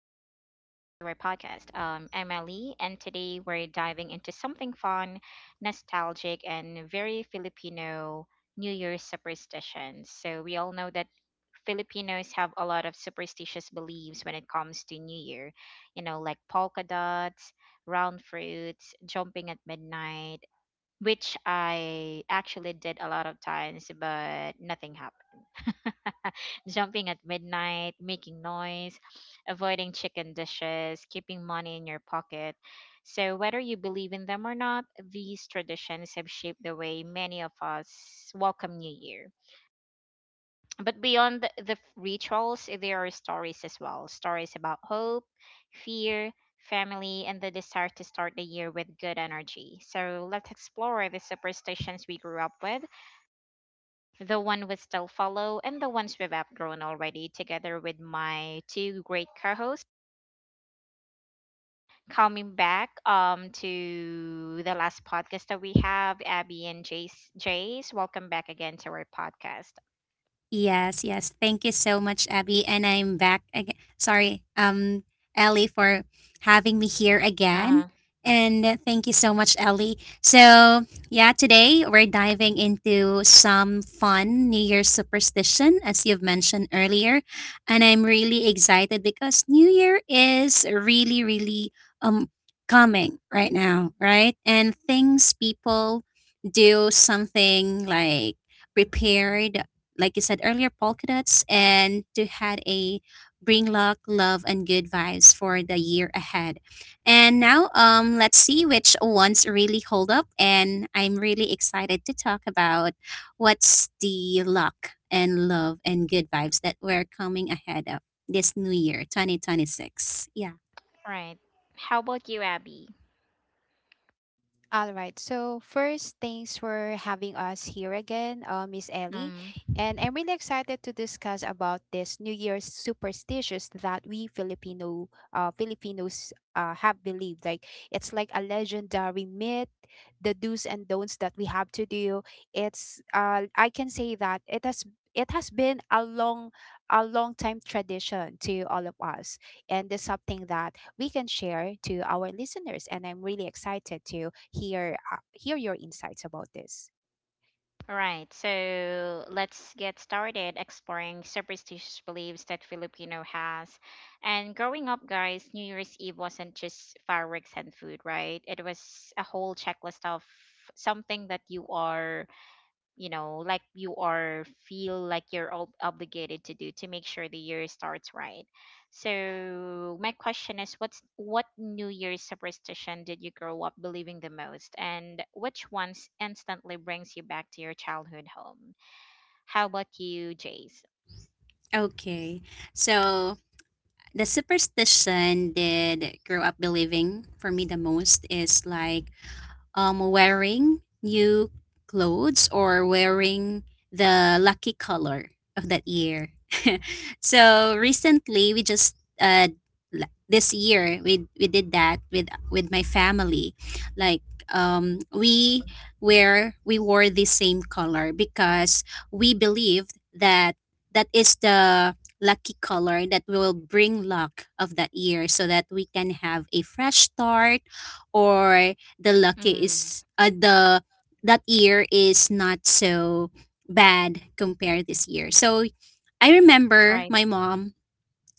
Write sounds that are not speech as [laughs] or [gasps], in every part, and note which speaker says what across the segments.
Speaker 1: to our podcast. I'm Ellie, and today we're diving into something fun, nostalgic, and very Filipino New Year's superstitions. So, we all know that Filipinos have a lot of superstitious beliefs when it comes to New Year, you know, like polka dots, round fruits, jumping at midnight, which I actually did a lot of times, but nothing happened. [laughs] Jumping at midnight, making noise, avoiding chicken dishes, keeping money in your pocket. So, whether you believe in them or not, these traditions have shaped the way many of us welcome New Year. But beyond the rituals, there are stories as well, stories about hope, fear, family, and the desire to start the year with good energy. So, let's explore the superstitions we grew up with, the one we still follow, and the ones we've outgrown already, together with my two great co-hosts. Coming back to the last podcast that we have, Abby and Jace. Jace, welcome back again to our podcast.
Speaker 2: Yes, yes. Thank you so much, Abby. And I'm back again. Sorry, Ellie, for having me here
Speaker 1: Uh
Speaker 2: again.
Speaker 1: huh.
Speaker 2: And thank you so much, Ellie. So, yeah, today we're diving into some fun New Year's superstition, as you've mentioned earlier. And I'm really excited because New Year is really, really um coming right now, right? And things people do something like prepared like you said earlier, polka dots, and to had a bring luck, love, and good vibes for the year ahead. And now, let's see which ones really hold up. And I'm really excited to talk about what's the luck and love and good vibes that we're coming ahead of this new year, 2026. Yeah.
Speaker 1: Right. How about you, Abby?
Speaker 3: All right. So first, thanks for having us here again, Miss Ellie,
Speaker 1: Um.
Speaker 3: and I'm really excited to discuss about this New Year's superstitions that we Filipinos have believed. Like it's like a legendary myth, the do's and don'ts that we have to do. It's I can say that it has been a long time tradition to all of us, and there's something that we can share to our listeners. And I'm really excited to hear your insights about this.
Speaker 1: Right, so let's get started exploring superstitious beliefs that Filipino has. And growing up, guys, New Year's Eve wasn't just fireworks and food, right? It was a whole checklist of something that you are you know like you are feel like you're all obligated to do to make sure the year starts right. So my question is, what New Year's superstition did you grow up believing the most, and which ones instantly brings you back to your childhood home? How about you, Jace?
Speaker 2: Okay. So the superstition did grow up believing for me the most is like wearing new clothes or wearing the lucky color of that year. [laughs] So recently, we just this year we did that with my family, like we wear we wore the same color because we believed that that is the lucky color that will bring luck of that year so that we can have a fresh start, or the luck
Speaker 1: Mm.
Speaker 2: is the that year is not so bad compared this year. So I remember
Speaker 1: Right.
Speaker 2: my mom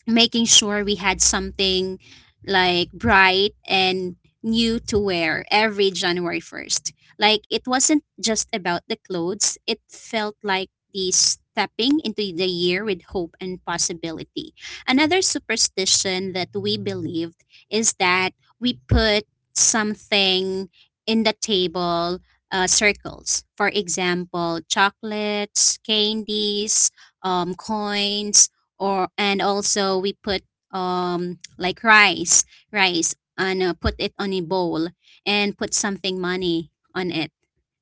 Speaker 2: making sure we had something like bright and new to wear every January 1st. Like it wasn't just about the clothes, it felt like the stepping into the year with hope and possibility. Another superstition that we believed is that we put something in the table circles. For example, chocolates, candies, coins, or and also we put like rice and put it on a bowl and put something money on it,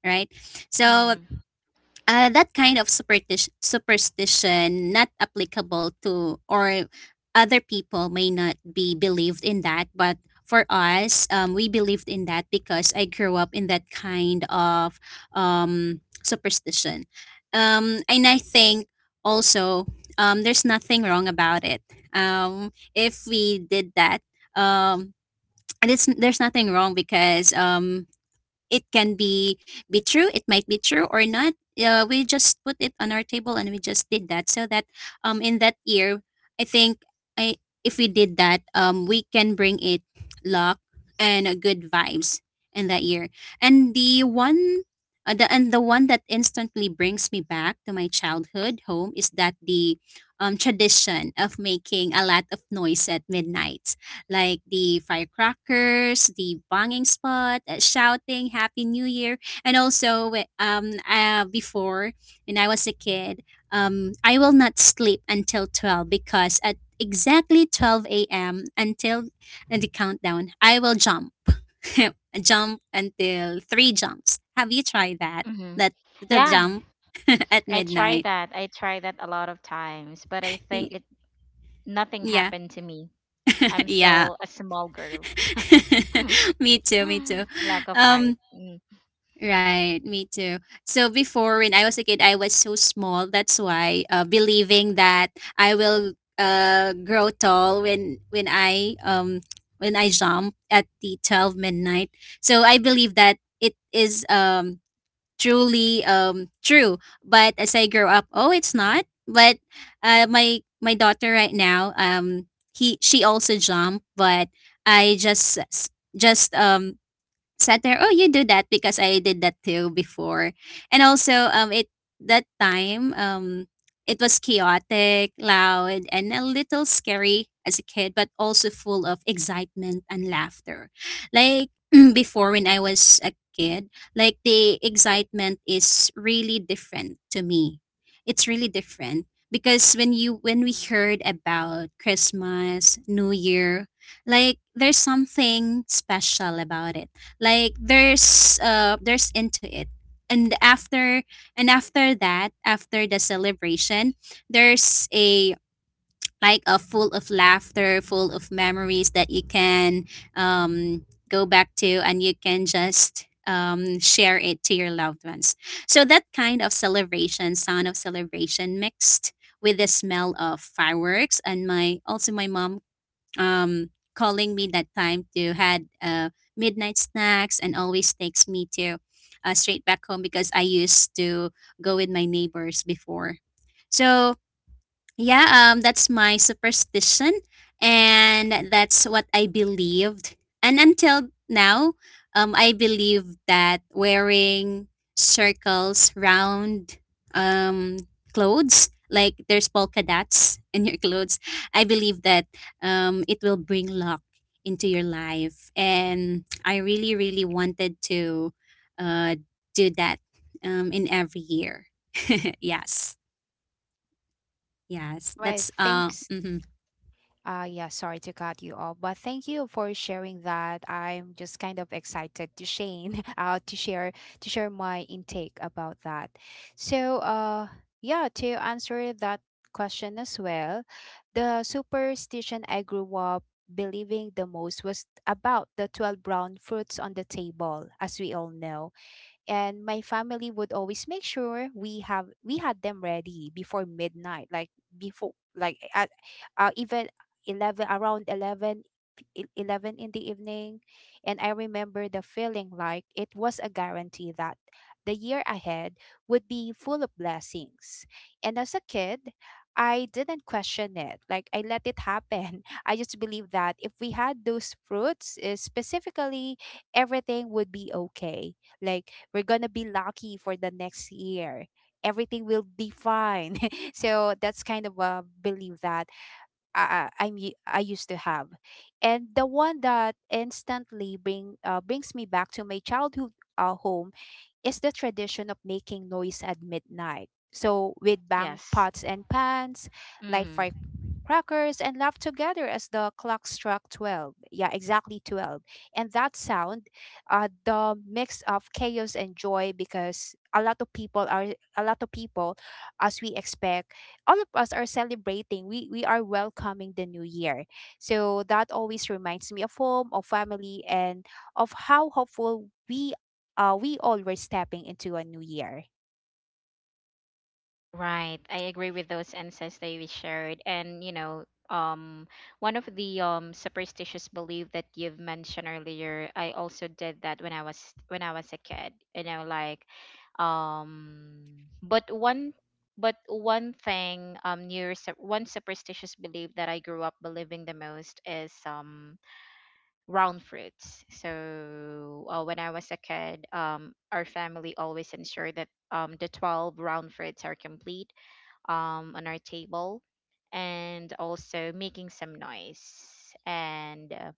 Speaker 2: right. So
Speaker 1: Mm.
Speaker 2: that kind of superstition not applicable to or other people may not be believed in that, but for us we believed in that because I grew up in that kind of superstition. And I think also there's nothing wrong about it if we did that um, and it's, there's nothing wrong because it can be true, it might be true or not. We just put it on our table and we just did that so that in that year, I think, I if we did that we can bring it luck and good vibes in that year. And the one the and the one that instantly brings me back to my childhood home is that the tradition of making a lot of noise at midnight, like the firecrackers, the banging spot, shouting Happy New Year. And also, before, when I was a kid, I will not sleep until 12 because at exactly 12 a.m. until and the countdown, I will jump. [laughs] Jump until three jumps. Have you tried that?
Speaker 1: Mm-hmm.
Speaker 2: That the
Speaker 1: Yeah,
Speaker 2: jump [laughs] at
Speaker 1: i try
Speaker 2: midnight.
Speaker 1: that i try that a lot of times, but I think
Speaker 2: Y-
Speaker 1: it nothing
Speaker 2: Yeah,
Speaker 1: happened to me. I'm
Speaker 2: [laughs] yeah.
Speaker 1: still a small girl. [laughs] [sighs]
Speaker 2: [laughs] Me too, me too.
Speaker 1: [laughs] Lack of height.
Speaker 2: Um
Speaker 1: Mm,
Speaker 2: Right, me too. So before when I was a kid, I was so small. That's why believing that I will grow tall when I when I jump at the 12 midnight. So I believe that it is truly true. But as I grow up, oh, it's not. But my daughter right now, he she also jumped, but I just just um sat there, oh, you do that because I did that too before. And also, it that time, it was chaotic, loud, and a little scary as a kid, but also full of excitement and laughter. Like [clears throat] before, when I was a kid, like the excitement is really different to me. It's really different because when we heard about Christmas, New Year, like there's something special about it, like there's into it. And after that, after the celebration, there's a like a full of laughter, full of memories that you can go back to, and you can just share it to your loved ones. So that kind of celebration sound of celebration mixed with the smell of fireworks, and my also my mom calling me that time to had midnight snacks, and always takes me to straight back home because I used to go with my neighbors before. So yeah, that's my superstition, and that's what I believed. And until now, I believe that wearing circles, round, um, clothes like there's polka dots [laughs] in your clothes. I believe that it will bring luck into your life, and I really, really wanted to uh, do that in every year. [laughs] Yes, yes,
Speaker 3: All right,
Speaker 2: that's
Speaker 3: thanks
Speaker 2: mhm.
Speaker 3: Yeah, sorry to cut you off, but thank you for sharing that. I'm just kind of excited to Shane, [laughs] to share my intake about that. So, yeah, to answer that question as well, the superstition I grew up believing the most was about the 12 brown fruits on the table, as we all know, and my family would always make sure we had them ready before midnight, like, before, like, at, even 11 around 11 e- 11 in the evening. And I remember the feeling, like, it was a guarantee that the year ahead would be full of blessings. And as a kid, I didn't question it, like, I let it happen. [laughs] I just believe that if we had those fruits, specifically, everything would be okay. Like, we're gonna be lucky for the next year, everything will be fine. [laughs] So that's kind of a belief that I, I used to have. And the one that instantly brings me back to my childhood, home, is the tradition of making noise at midnight. So we'd bang
Speaker 1: yes.
Speaker 3: pots and pans, light
Speaker 1: Hmm.
Speaker 3: firecrackers, and laugh together as the clock struck 12. Yeah, exactly 12. And that sound, the mix of chaos and joy, because a lot of people are, a lot of people, as we expect, all of us are celebrating. We are welcoming the new year. So that always reminds me of home, of family, and of how hopeful we all were, stepping into a new year.
Speaker 1: Right. I agree with those insights that you shared. And, you know, um, one of the superstitious belief that you've mentioned earlier, I also did that when I was a kid. You know, like, um, but one but one thing, near one superstitious belief that I grew up believing the most is round fruits. So when I was a kid, our family always ensured that the 12 round fruits are complete on our table, and also making some noise. And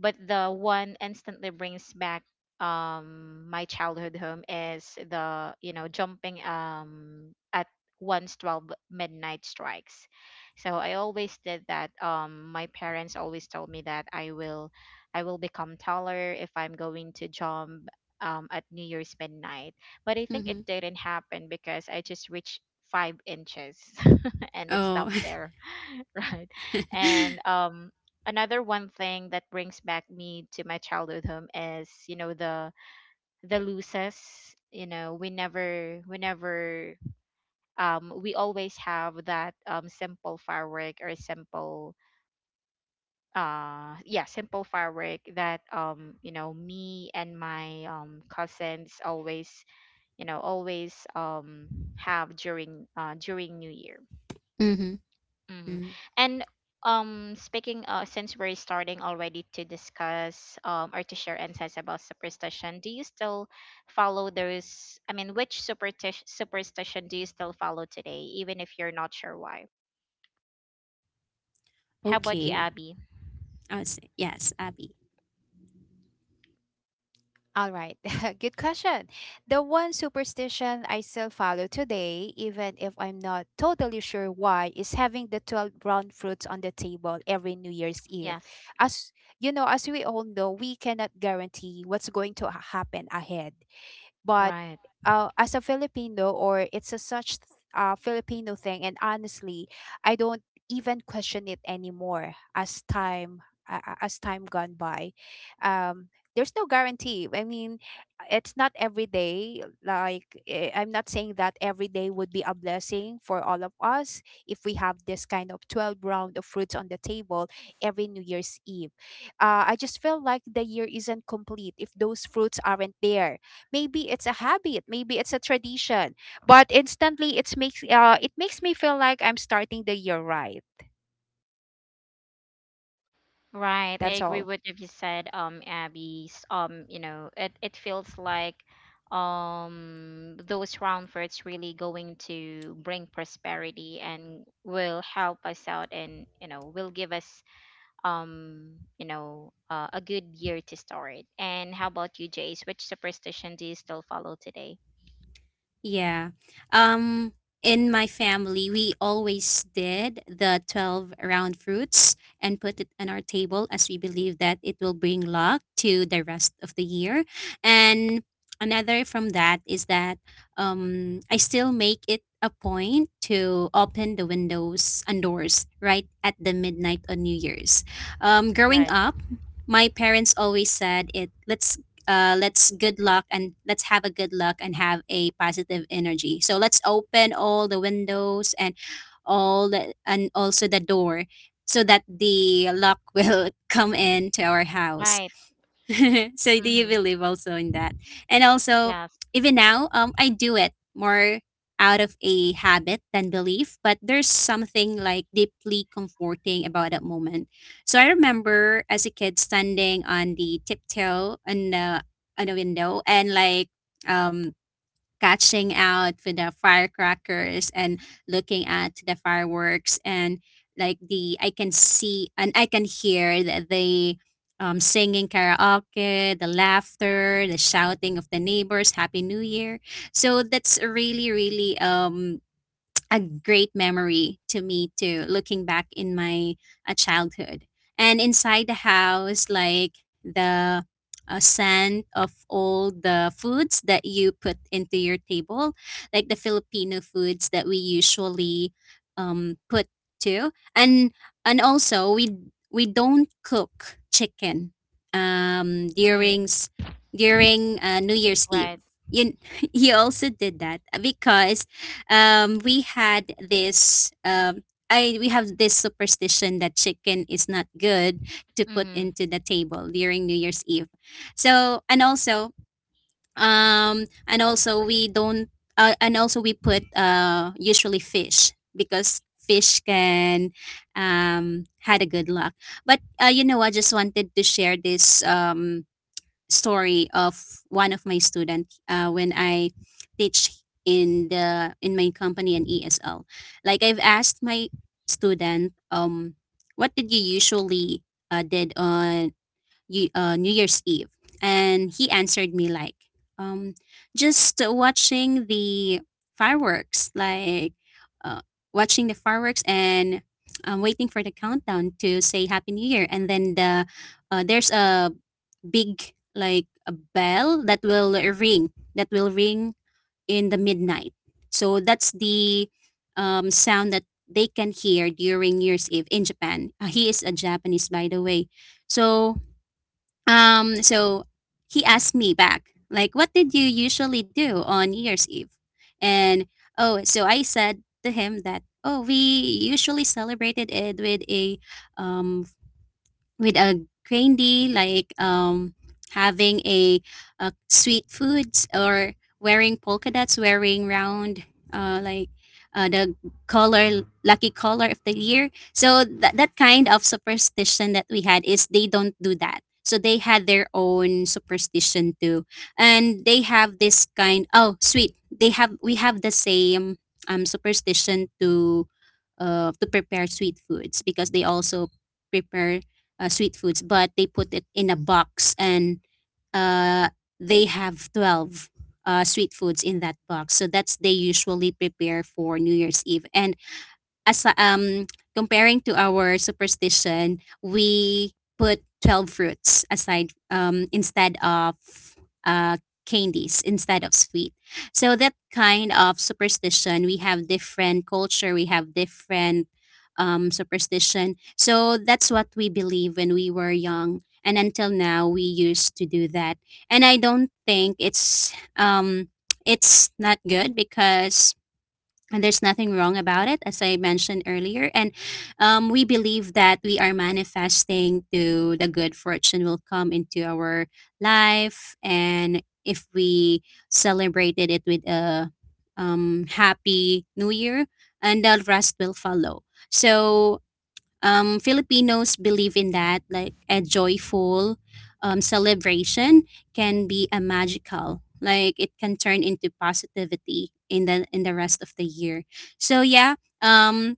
Speaker 1: but the one instantly brings back my childhood home is the, you know, jumping at once 12 midnight strikes. So I always did that. My parents always told me that I will become taller if I'm going to jump at New Year's midnight. But I think it
Speaker 2: Mm-hmm.
Speaker 1: didn't happen because I just reached 5 inches. [laughs] And it
Speaker 2: Oh.
Speaker 1: stopped there. [laughs] Right? And
Speaker 2: [laughs]
Speaker 1: another one thing that brings back me to my childhood home is, you know, the loses. You know, we never we always have that simple firework, or simple, yeah simple firework that, you know, me and my cousins always, you know, always have during during New Year.
Speaker 2: Mm-hmm.
Speaker 1: Hmm.
Speaker 2: Mm.
Speaker 1: And speaking, since we're starting already to discuss, or to share insights about superstition, do you still follow those? I mean, which superstition do you still follow today, even if you're not sure why? How about you,
Speaker 2: Okay.
Speaker 1: Abby?
Speaker 2: I see. Yes, Abby.
Speaker 3: All right. [laughs] Good question. The one superstition I still follow today, even if I'm not totally sure why, is having the 12 brown fruits on the table every New Year's Eve.
Speaker 1: Yes.
Speaker 3: As you know, as we all know, we cannot guarantee what's going to happen ahead. But,
Speaker 1: Right.
Speaker 3: as a Filipino, or it's a such Filipino thing, and honestly, I don't even question it anymore, as time gone by. Um, there's no guarantee. I mean, it's not every day. Like, I'm not saying that every day would be a blessing for all of us if we have this kind of 12 round of fruits on the table every New Year's Eve. I just feel like the year isn't complete if those fruits aren't there. Maybe it's a habit, maybe it's a tradition, but instantly, it makes me feel like I'm starting the year right.
Speaker 1: Right, I
Speaker 3: That's
Speaker 2: Mm-hmm.
Speaker 1: agree
Speaker 3: all.
Speaker 1: with what you said, Abby. S- you know, it feels like those round fruits really going to bring prosperity and will help us out, and you know, will give us, you know, a good year to start. And how about you, Jace? Which superstition do you still follow today?
Speaker 2: Yeah. Um in my family, we always did the 12 round fruits and put it on our table as we believe that it will bring luck to the rest of the year. And another from that is that I still make it a point to open the windows and doors right at the midnight on New Year's. Growing
Speaker 1: Right.
Speaker 2: up, my parents always said it let's good luck and let's have a good luck and have a positive energy. So let's open all the windows and and also the door so that the luck [laughs] will come into our house.
Speaker 1: Right.
Speaker 2: [laughs] So do you
Speaker 1: Mm-hmm.
Speaker 2: believe also in that? And also,
Speaker 1: Yes.
Speaker 2: even now, I do it more out of a habit than belief, but there's something like deeply comforting about that moment. So I remember as a kid standing on the tiptoe on the on a window and like um catching out with the firecrackers and looking at the fireworks and like the I can see and I can hear the singing karaoke, the laughter, the shouting of the neighbors, Happy New Year. So that's really, really a great memory to me too, looking back in my childhood. And inside the house, like the scent of all the foods that you put into your table, like the filipino foods that we usually put too. And also we don't cook chicken um
Speaker 1: Mm-hmm.
Speaker 2: during s- during New Year's Eve.
Speaker 1: Right.
Speaker 2: You [laughs] you also did that because we had this I we have this superstition that chicken is not good to put
Speaker 1: Mm-hmm.
Speaker 2: into the table during New Year's Eve. So and also we don't and also we put usually fish because fish can had a good luck. But you know, I just wanted to share this story of one of my student when I teach in the in my company in ESL. Like I've asked my student, what did you usually did on New Year's Eve? And he answered me like, um, just watching the fireworks, like uh, watching the fireworks and waiting for the countdown to say Happy New Year. And then there's a big like a bell that will ring in the midnight. So that's the sound that they can hear during New Year's Eve in Japan. He is a japanese by the way. So um so he asked me back like what did you usually do on New Year's Eve. And oh, so I said to him that oh we usually celebrated it um, with a trendy like having a, sweet foods or wearing polka dots, wearing round uh like the color lucky color of the year. So that that kind of superstition that we had is they don't do that, so they had their own superstition too. And they have this kind, oh sweet, they have we have the same superstition to prepare sweet foods because they also prepare sweet foods, but they put it in a box and uh, they have 12 sweet foods in that box. So that's they usually prepare for New Year's Eve. And as comparing to our superstition, we put 12 fruits aside instead of uh candies, instead of sweet. So that kind of superstition, we have different culture, we have different superstition. So that's what we believe when we were young, and until now we used to do that. And I don't think it's not good because and there's nothing wrong about it as I mentioned earlier. And we believe that we are manifesting to the good fortune will come into our life, and if we celebrated it with a happy new year, and the rest will follow. So Filipinos believe in that, like a joyful celebration can be a magical, like it can turn into positivity in the rest of the year. So yeah, um,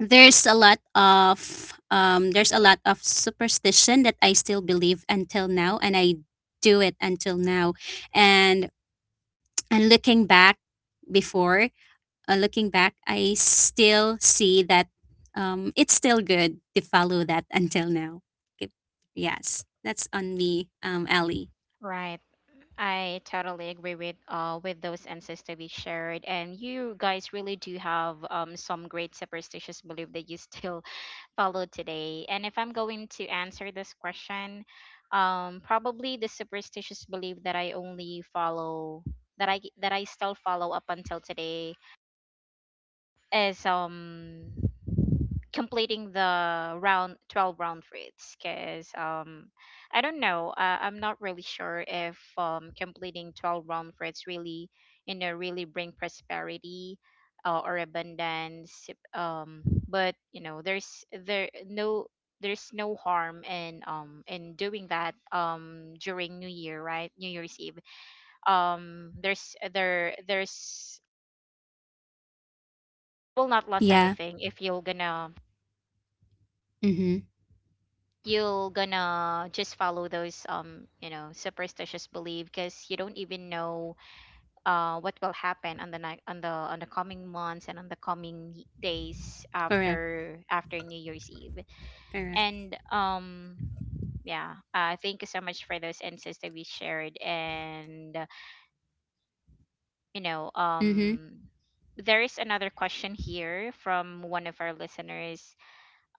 Speaker 2: there's a lot of there's a lot of superstition that I still believe until now, and I do it until now, and and looking back before looking back, I still see that it's still good to follow that until now. Okay. Yes, that's on me, Ellie.
Speaker 1: Right. I totally agree with those answers that we shared, and you guys really do have some great superstitious belief that you still [laughs] follow today. And if I'm going to answer this question, probably the superstitious belief that I only follow, that I still follow up until today, is completing the round 12 round routes. Because I don't know, I'm not really sure if completing 12 round routes really, you know, really bring prosperity, or abundance. um but you know, there's no harm in, in doing that, during New Year, right, New Year's Eve. Um there's there there's will not lose
Speaker 2: Yeah.
Speaker 1: anything if you're gonna,
Speaker 2: Mm-hmm.
Speaker 1: you're gonna just follow those, you know, superstitious belief, because you don't even know what will happen on the night, on the, on the coming months, and on the coming days
Speaker 2: Correct.
Speaker 1: after, after New Year's Eve.
Speaker 2: Correct.
Speaker 1: And yeah, thank you so much for those insights that we shared. And you know,
Speaker 2: Mm-hmm.
Speaker 1: there is another question here from one of our listeners.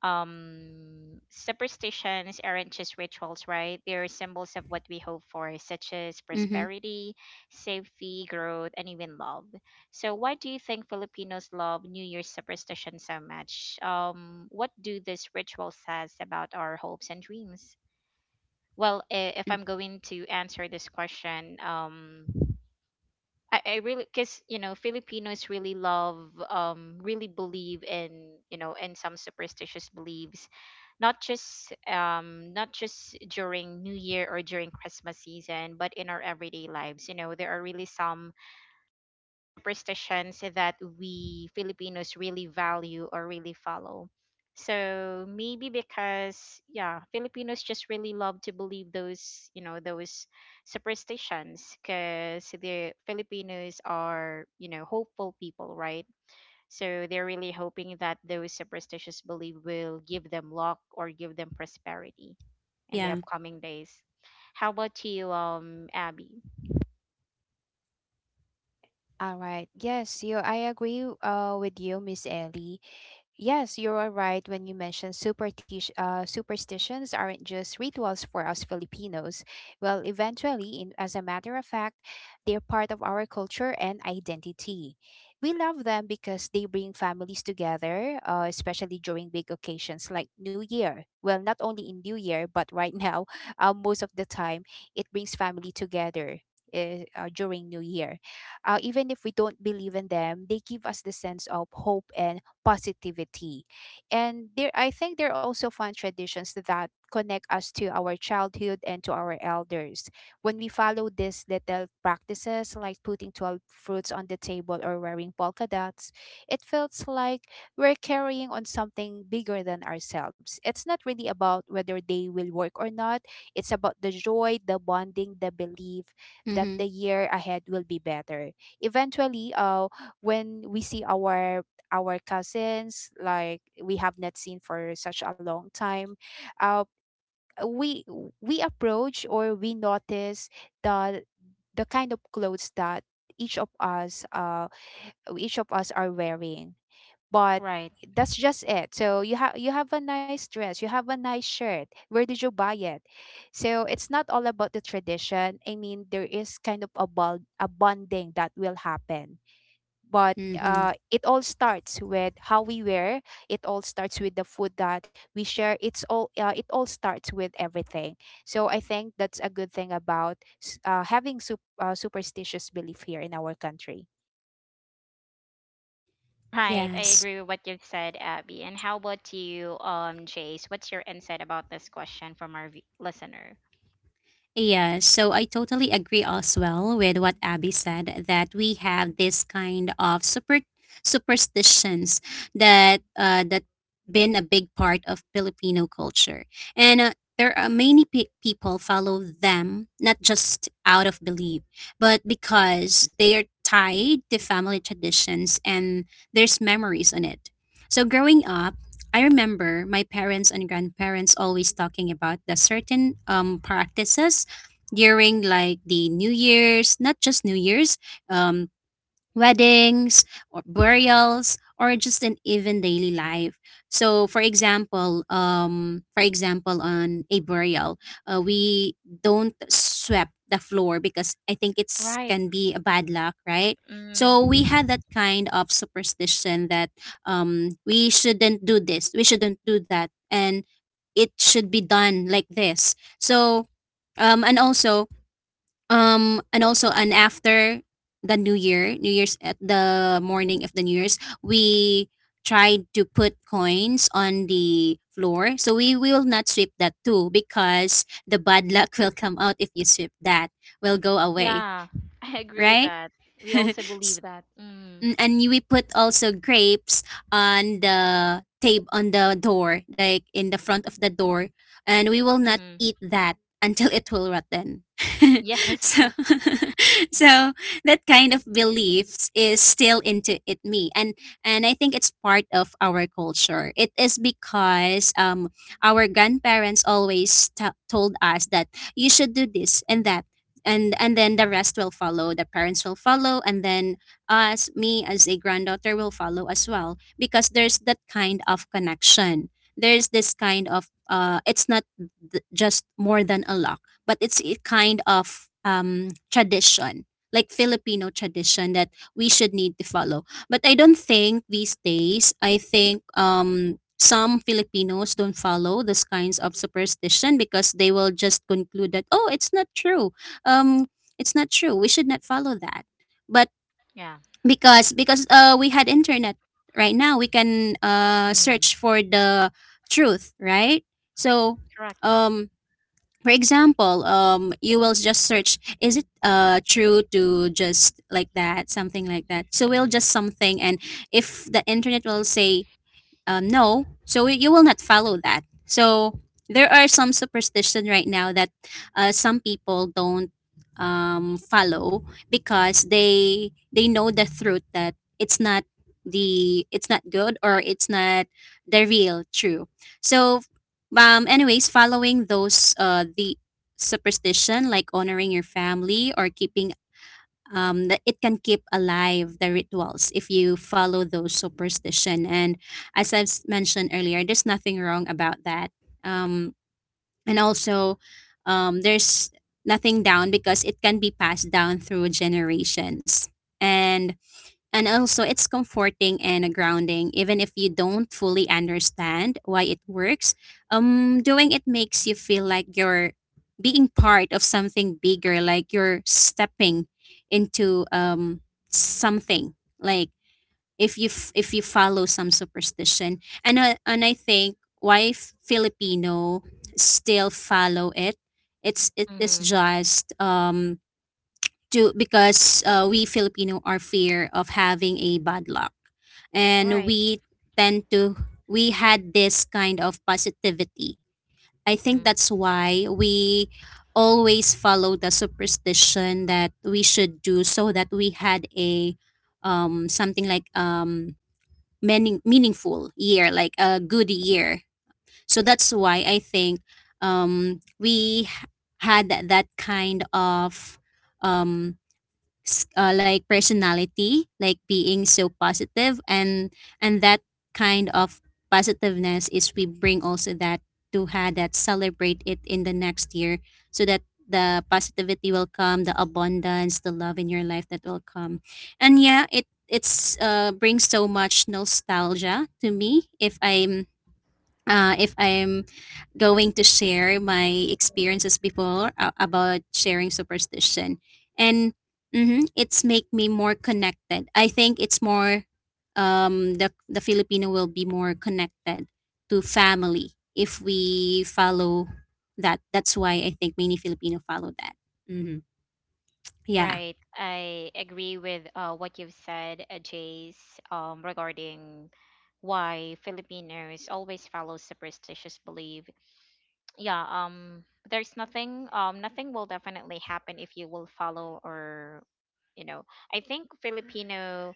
Speaker 1: Superstitions aren't just rituals, right? They're symbols of what we hope for, such as
Speaker 2: Mm-hmm.
Speaker 1: prosperity, safety, growth, and even love. So why do you think Filipinos love New Year's superstition so much? What do this ritual says about our hopes and dreams? Well, if I'm going to answer this question, I really, because you know Filipinos really love, really believe in, you know, in some superstitious beliefs, not just not just during New Year or during Christmas season, but in our everyday lives. You know, there are really some superstitions that we Filipinos really value or really follow. So maybe because, yeah, Filipinos just really love to believe those, you know, those superstitions, because the Filipinos are, you know, hopeful people, right? So they're really hoping that those superstitious belief will give them luck or give them prosperity in the
Speaker 2: Yeah.
Speaker 1: upcoming days. How about you, Abby?
Speaker 3: All right. Yes, you I agree, with you, Miss Ellie. Yes, you are right when you mentioned superstitions aren't just rituals for us Filipinos. Well, eventually, as a matter of fact, they're part of our culture and identity. We love them because they bring families together, especially during big occasions like New Year. Well, not only in New Year, but right now, [laughs] most of the time, it brings family together. During New Year, even if we don't believe in them, they give us the sense of hope and positivity. And there I think there are also fun traditions that connect us to our childhood and to our elders. When we follow these little practices like putting 12 fruits on the table or wearing polka dots, it feels like we're carrying on something bigger than ourselves. It's not really about whether they will work or not. It's about the joy, the bonding, the belief that
Speaker 2: Mm-hmm.
Speaker 3: the year ahead will be better. Eventually, when we see our cousins, like, we have not seen for such a long time, uh, we we approach or we notice the the kind of clothes that each of us uh each of us are wearing. But
Speaker 1: Right.
Speaker 3: that's just it. So you have a nice dress, you have a nice shirt, where did you buy it? So it's not all about the tradition. I mean, there is kind of a bonding that will happen. But,
Speaker 2: Mm-hmm.
Speaker 3: it all starts with how we wear, it all starts with the food that we share, it all starts with everything. So I think that's a good thing about having superstitious belief here in our country.
Speaker 1: Right, I
Speaker 2: Yes.
Speaker 1: agree with what you've said, Abby. And how about you, Jace? What's your insight about this question from our v- listener?
Speaker 2: Yeah, so I totally agree as well with what Abby said that we have this kind of superstitions that been a big part of Filipino culture, and there are many people follow them not just out of belief, but because they are tied to family traditions and there's memories on it. So growing up, I remember my parents and grandparents always talking about the certain practices during like the New Year's, not just New Year's, um, weddings or burials or just an even daily life. So for example, on a burial, we don't sweep the floor because I think it's
Speaker 1: Right.
Speaker 2: can be a bad luck, right? So
Speaker 1: Mm.
Speaker 2: we had that kind of superstition that we shouldn't do this, we shouldn't do that, and it should be done like this. So um, and also and after the New Year, New Year's at the morning of the New Year's, we tried to put coins on the floor. So we will not sweep that too because the bad [laughs] luck will come out if you sweep that, will go away,
Speaker 1: Yeah, [laughs] I agree with
Speaker 2: right?
Speaker 1: that. We also
Speaker 2: [laughs]
Speaker 1: believe that. Mm.
Speaker 2: Mm, and we put also grapes on the tape on the door like in the front of the door, and we will not
Speaker 1: Hmm.
Speaker 2: eat that until it will rotten. [laughs]
Speaker 1: Yes.
Speaker 2: So [laughs] so that kind of beliefs is still into it me, and I think it's part of our culture. It is because our grandparents always told us that you should do this and that, and then the rest will follow, the parents will follow, and then as me as a granddaughter will follow as well because there's that kind of connection. There's this kind of It's not just more than a lock, but it's a kind of tradition, like Filipino tradition that we should need to follow. But I don't think these days, I think some Filipinos don't follow those kinds of superstition because they will just conclude that, oh, it's not true. um, it's not true, we should not follow that, but
Speaker 1: [laughs] Yeah.
Speaker 2: because we had internet right now, we can
Speaker 1: Mm.
Speaker 2: search for the truth, right? So
Speaker 1: Correct.
Speaker 2: um, for example, um, you will just search, is it true to just like that, something like that, so we'll just something. And if the internet will say no, so you will not follow that. So there are some superstition right now that some people don't follow because they know the truth that it's not the it's not good, or it's not the real true. So anyways, following those the superstition, like honoring your family or keeping that it can keep alive the rituals if you follow those superstition. And as I've mentioned earlier, there's nothing wrong about that. Um, and also, there's nothing down because it can be passed down through generations. And it's comforting and grounding, even if you don't fully understand why it works. Doing it makes you feel like you're being part of something bigger, like you're stepping into something. Like if you if you follow some superstition, and I think why Filipino still follow it, it's it is
Speaker 1: Hmm.
Speaker 2: just to because we Filipino are fear of having a bad luck, and
Speaker 1: Right.
Speaker 2: we tend to we had this kind of positivity. I think
Speaker 1: Mm.
Speaker 2: that's why we always follow the superstition that we should do so that we had a um, something like um, meaningful year, like a good year. So that's why I think we had that that kind of um, like personality, like being so positive. And that kind of positiveness is we bring also that to have that celebrate it in the next year so that the positivity will come, the abundance, the love in your life that will come. And yeah, it it's brings so much nostalgia to me if I'm if I'm going to share my experiences before about sharing superstition. And mhm, it's make me more connected. I think it's more the Filipino will be more connected to family if we follow that. That's why I think many Filipino follow that. Hmm. Yeah.
Speaker 1: Right. I agree with what you've said, Jace, regarding why Filipinos always follow superstitious belief. Yeah, there's nothing, nothing will definitely happen if you will follow. Or you know, I think Filipino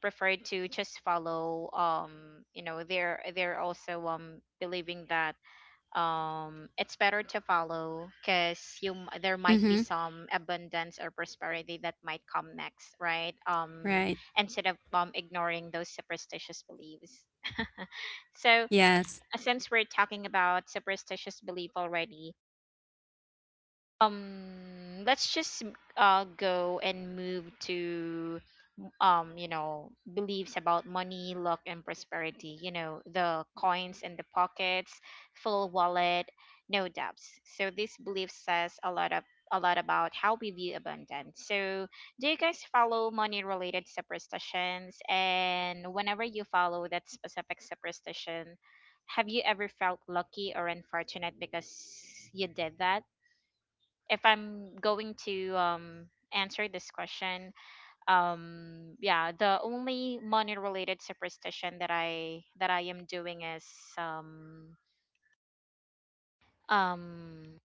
Speaker 1: prefer to just follow, you know, they're also believing that, it's better to follow because you there might be
Speaker 2: Hmm.
Speaker 1: some abundance or prosperity that might come next, right?
Speaker 2: Right.
Speaker 1: Instead of, ignoring those superstitious beliefs. So
Speaker 2: Yes.
Speaker 1: since we're talking about superstitious belief already, let's just, go and move to, you know, beliefs about money, luck, and prosperity. You know, the coins in the pockets, full wallet, no debts. So this belief says a lot of, a lot about how we view abundance. So do you guys follow money related superstitions? And whenever you follow that specific superstition, have you ever felt lucky or unfortunate because you did that? If I'm going to answer this question, yeah, the only money related superstition that I am doing is um um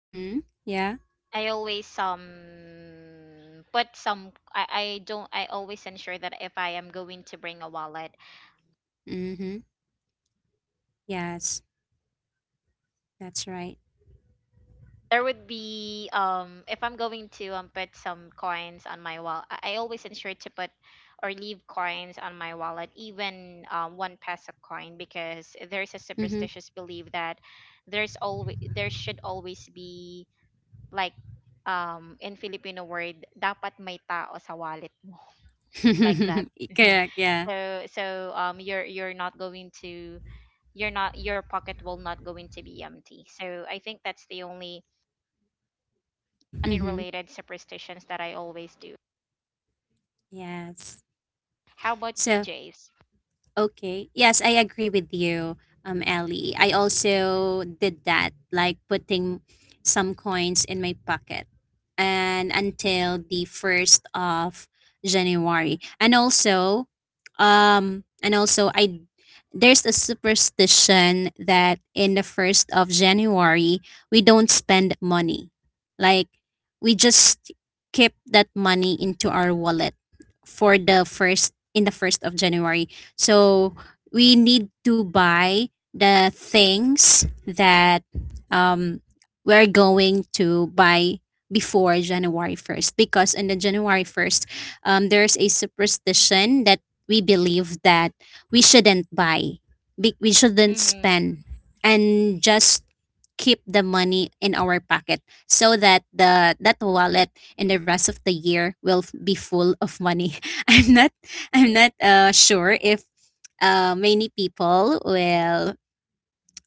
Speaker 2: Hmm. Yeah.
Speaker 1: I always put some, I always ensure that if I am going to bring a wallet,
Speaker 2: Hmm. Yes, that's right.
Speaker 1: there would be if I'm going to put some coins on my wallet, I always ensure to put or leave coins on my wallet, even one peso coin, because there's a
Speaker 2: Hmm.
Speaker 1: superstitious belief that there's always, there should always be like, in Filipino word, dapat may tao sa wallet, like that.
Speaker 2: [laughs]
Speaker 1: [laughs]
Speaker 2: Correct, yeah.
Speaker 1: So, so you're not going to, you're not, your pocket will not going to be empty. So I think that's the only money
Speaker 2: Hmm.
Speaker 1: related superstitions that I always do.
Speaker 2: Yes.
Speaker 1: How about you,
Speaker 2: So,
Speaker 1: Jace?
Speaker 2: okay. Yes, I agree with you, Ellie. I also did that, like putting some coins in my pocket and until the 1st of January. And also I there's a superstition that in the 1st of January, we don't spend money. Like, we just keep that money into our wallet for the first, in the 1st of January. So, we need to buy the things that um, we're going to buy before January 1st, because on the January 1st there's a superstition that we believe that we shouldn't buy, we shouldn't
Speaker 1: Mm-hmm.
Speaker 2: spend, and just keep the money in our pocket so that the that wallet in the rest of the year will be full of money. [laughs] I'm not I'm not sure if many people will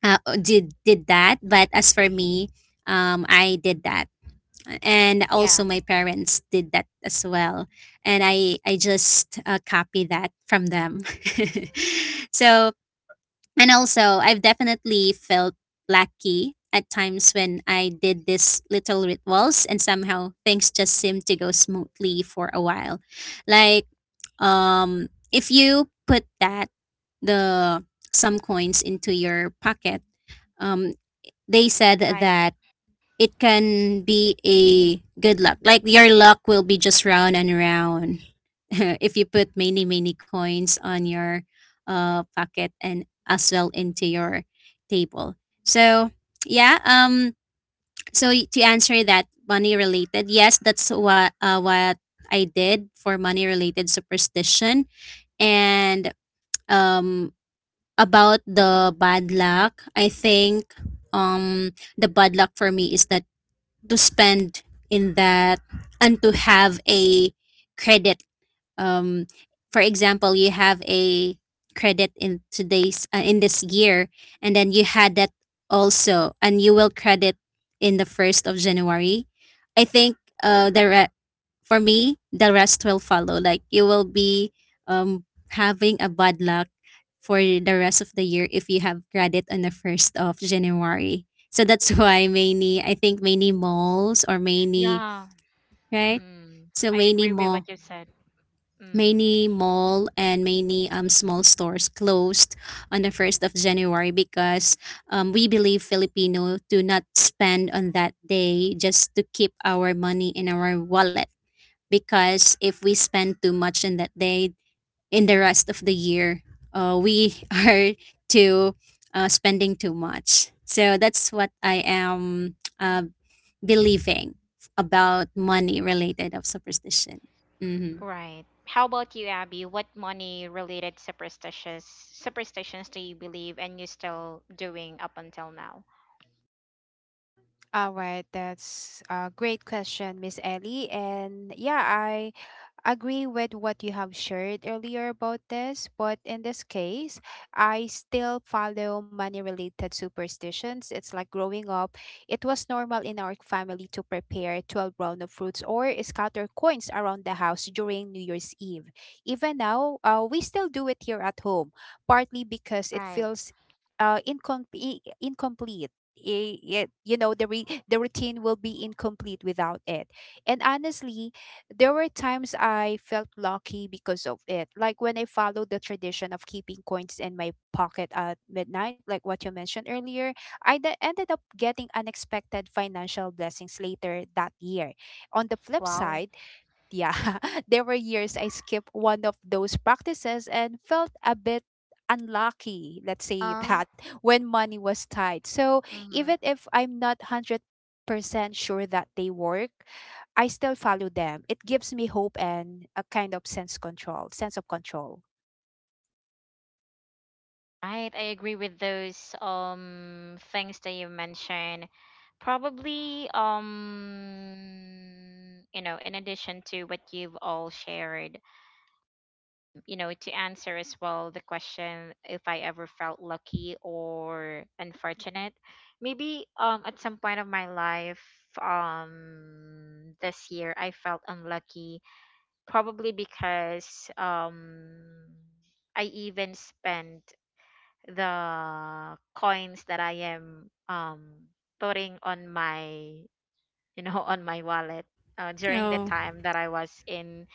Speaker 2: did that, but as for me, I did that. And also,
Speaker 1: Yeah,
Speaker 2: my parents did that as well, and I just copy that from them. [laughs] So and also, I've definitely felt lucky at times when I did these little rituals and somehow things just seem to go smoothly for a while. Like um, if you put that the some coins into your pocket, um, they said
Speaker 1: right.
Speaker 2: that it can be a good luck. Like your luck will be just round and round. [laughs] If you put many many coins on your pocket and as well into your table. So yeah, so to answer that money related, yes, that's what what I did for money related superstition. And um about the bad luck, I think um the bad luck for me is that to spend in that and to have a credit. Um, for example, you have a credit in today's in this year, and then you had that also and you will credit in the 1st of January. I think uh the re- for me the rest will follow, like you will be um having a bad luck for the rest of the year if you have credit on the 1st of January. So that's [laughs] why many, I think many malls or many
Speaker 1: Yeah,
Speaker 2: right,
Speaker 1: mm,
Speaker 2: so
Speaker 1: I
Speaker 2: many
Speaker 1: agree with
Speaker 2: malls,
Speaker 1: what you said. Mm,
Speaker 2: many mall and many small stores closed on the 1st of January because we believe Filipino do not spend on that day just to keep our money in our wallet. Because if we spend too much in that day, in the rest of the year we [laughs] are to spending too much. So that's what I am believing about money related of superstition. Mm-hmm.
Speaker 1: right. How about you, Abby? What money related superstitious superstitions do you believe and you still doing up until now?
Speaker 3: All right, that's a great question, Miss Ellie. And yeah, I agree with what you have shared earlier about this, but in this case, I still follow money related superstitions. It's like, growing up, it was normal in our family to prepare 12 round of fruits or scatter coins around the house during New Year's Eve. Even now, we still do it here at home, partly because it
Speaker 1: Right.
Speaker 3: feels incomplete. You know, the routine will be incomplete without it. And honestly, there were times I felt lucky because of it, like when I followed the tradition of keeping coins in my pocket at midnight, like what you mentioned earlier. I ended up getting unexpected financial blessings later that year. On the flip
Speaker 1: Wow.
Speaker 3: side, yeah, [laughs] there were years I skipped one of those practices and felt a bit unlucky, let's say
Speaker 1: Uh,
Speaker 3: that, [laughs] when money was tight. So even
Speaker 1: mhm.
Speaker 3: if I'm not 100% sure that they work, I still follow them. It gives me hope and a kind of sense of control.
Speaker 1: Right, I agree with those things that you mentioned. Probably you know, in addition to what you've all shared, you know, to answer as well the question if I ever felt lucky or unfortunate, maybe at some point of my life, this year I felt unlucky, probably because I even spent the coins that I am putting on my, you know, [laughs] on my wallet, during the
Speaker 2: Oh.
Speaker 1: time that I was in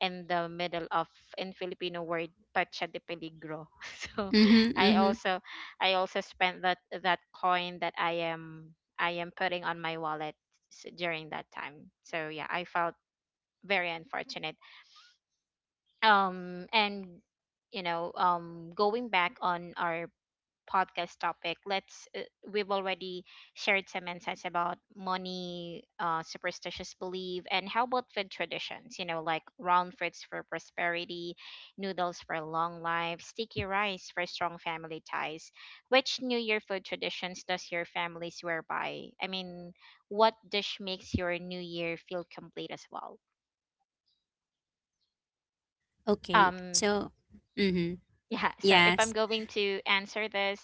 Speaker 1: in the middle of, in Filipino word, pacha de peligro. [laughs] So
Speaker 2: Mm-hmm.
Speaker 1: I
Speaker 2: Mm-hmm.
Speaker 1: also I also spent that, that coin that I am putting on my wallet during that time. So yeah, I felt very unfortunate. And you know, going back on our podcast topic, let's, we've already shared some insights about money, superstitious belief. And how about food traditions? You know, like round fruits for prosperity, noodles for long life, sticky rice for strong family ties. Which New Year food traditions does your family swear by? I mean, what dish makes your New Year feel complete as well?
Speaker 2: Okay.
Speaker 1: Um,
Speaker 2: So, mm-hmm.
Speaker 1: [laughs] yeah. So if I'm
Speaker 2: Yes.
Speaker 1: going to answer this.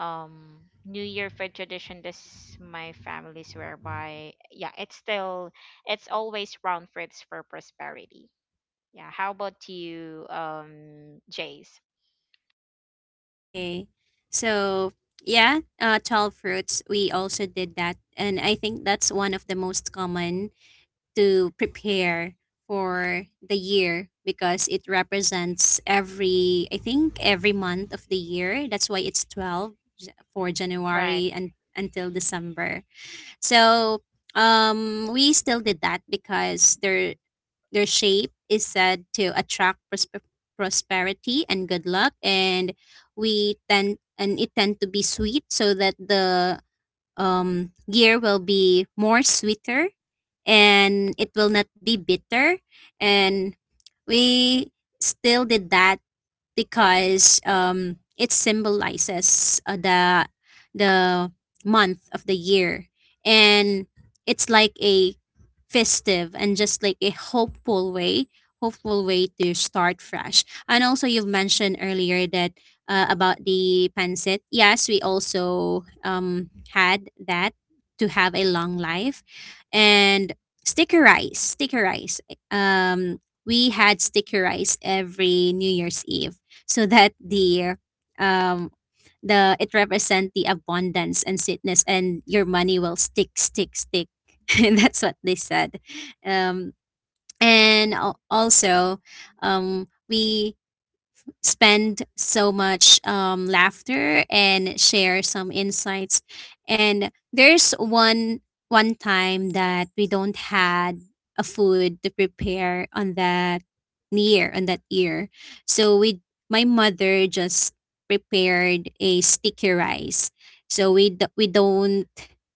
Speaker 1: um New Year food tradition this my family's whereby yeah it's still it's always round fruits for prosperity. Yeah, how about you, Jace?
Speaker 2: Okay. So, yeah, 12 fruits, we also did that. And I think that's one of the most common to prepare for the year because it represents every, I think, every month of the year. That's why it's 12, for
Speaker 1: Right,
Speaker 2: January and until December. So, we still did that because there their shape is said to attract prosperity and good luck. And we tend and it tend to be sweet, so that the year will be more sweeter, and it will not be bitter. And we still did that because it symbolizes the month of the year, and it's like a festive and just like a hopeful way to start fresh. And also, you've mentioned earlier that about the pancit. Yes, we also had that to have a long life, and sticker rice. Um, we had sticker rice every New Year's Eve, so that the um it represent the abundance and sweetness, and your money will stick stick stick. [laughs] That's what they said. Um, and also, um, we spend so much laughter and share some insights. And there's one time that we don't had a food to prepare on that year, so we my mother just prepared a sticky rice. So we we don't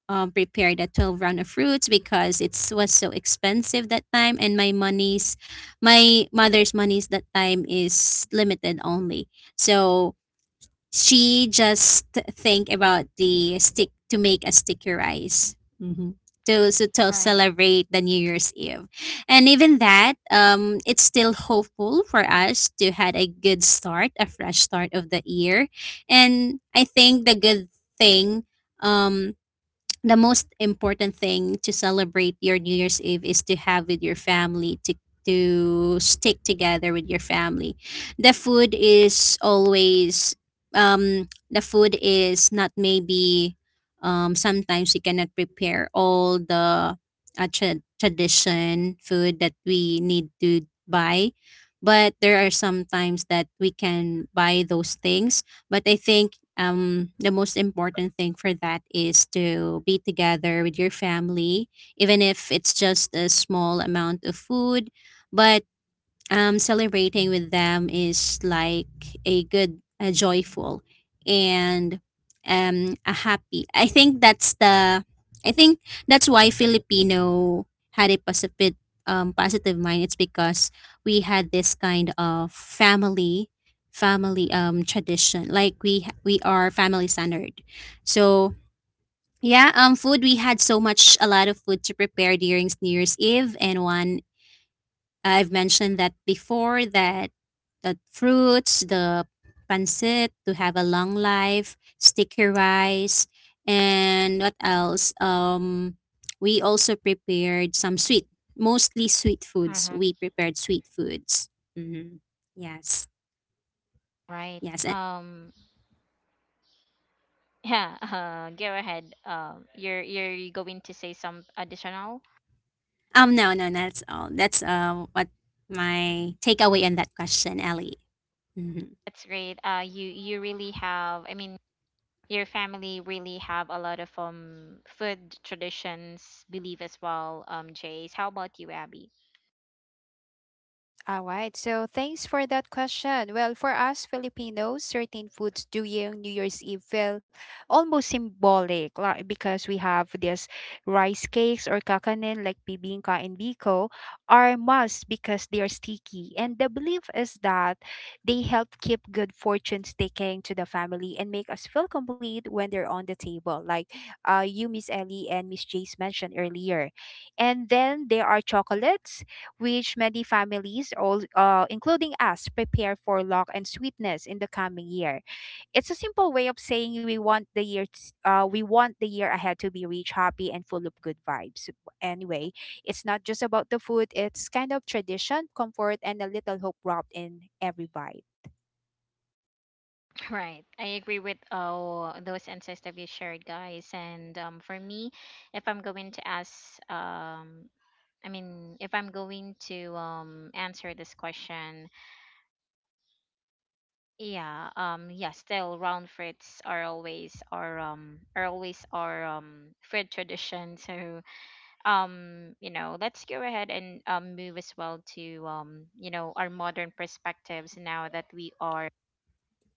Speaker 2: prepare the 12 round of fruits because it was so expensive that time, and my mother's monies that time is limited only. So she just think about the stick to make a sticky rice. To, so to
Speaker 1: right,
Speaker 2: celebrate the New Year's Eve. And even that, it's still hopeful for us to had a good start, a fresh start of the year. And I think the good thing um the most important thing to celebrate your New Year's Eve is to have with your family to stick together with your family. The food is always the food is not maybe sometimes you cannot prepare all the tradition food that we need to buy but there are some times that we can buy those things but I think the most important thing for that is to be together with your family, even if it's just a small amount of food. But celebrating with them is like a good, a joyful, and a happy. I think that's the. I think that's why Filipino had a positive, positive mind. It's because we had this kind of family, family tradition. Like we are family centered, so. Yeah, food. We had so much, a lot of food to prepare during New Year's Eve, and one I've mentioned that before that the fruits, the pancit to have a long life, sticky rice, and what else? We also prepared some sweet, mostly sweet foods.
Speaker 1: uh-huh,
Speaker 2: We prepared sweet foods. Hmm. Yes,
Speaker 1: right.
Speaker 2: yes. And,
Speaker 1: Um, yeah. [laughs] Go ahead. You're going to say some additional.
Speaker 2: no, no, that's all. That's what my takeaway on that question, Ellie. Mm-hmm.
Speaker 1: That's great. You really have. I mean, your family really have a lot of food traditions, believe as well. Jace. How about you, Abby?
Speaker 3: All right. So thanks for that question. Well, for us Filipinos, certain foods during New Year's Eve feel almost symbolic, like, because we have this rice cakes or kakanin like bibingka and biko are must because they are sticky. And the belief is that they help keep good fortune sticking to the family and make us feel complete when they're on the table. Like, you, Miss Ellie and Miss Jace, mentioned earlier. And then there are chocolates which many families, including us, prepare for luck and sweetness in the coming year. It's a simple way of saying we want the year ahead to be rich, happy, and full of good vibes. Anyway, it's not just about the food; it's kind of tradition, comfort, and a little hope wrapped in every vibe.
Speaker 1: Right. I agree with oh those insights that you shared, guys. And for me, if I'm going to ask, I mean, if I'm going to answer this question, yeah, yeah, still round fruits are always our are always our fruit tradition. So you know, let's go ahead and move as well to you know our modern perspectives now that we are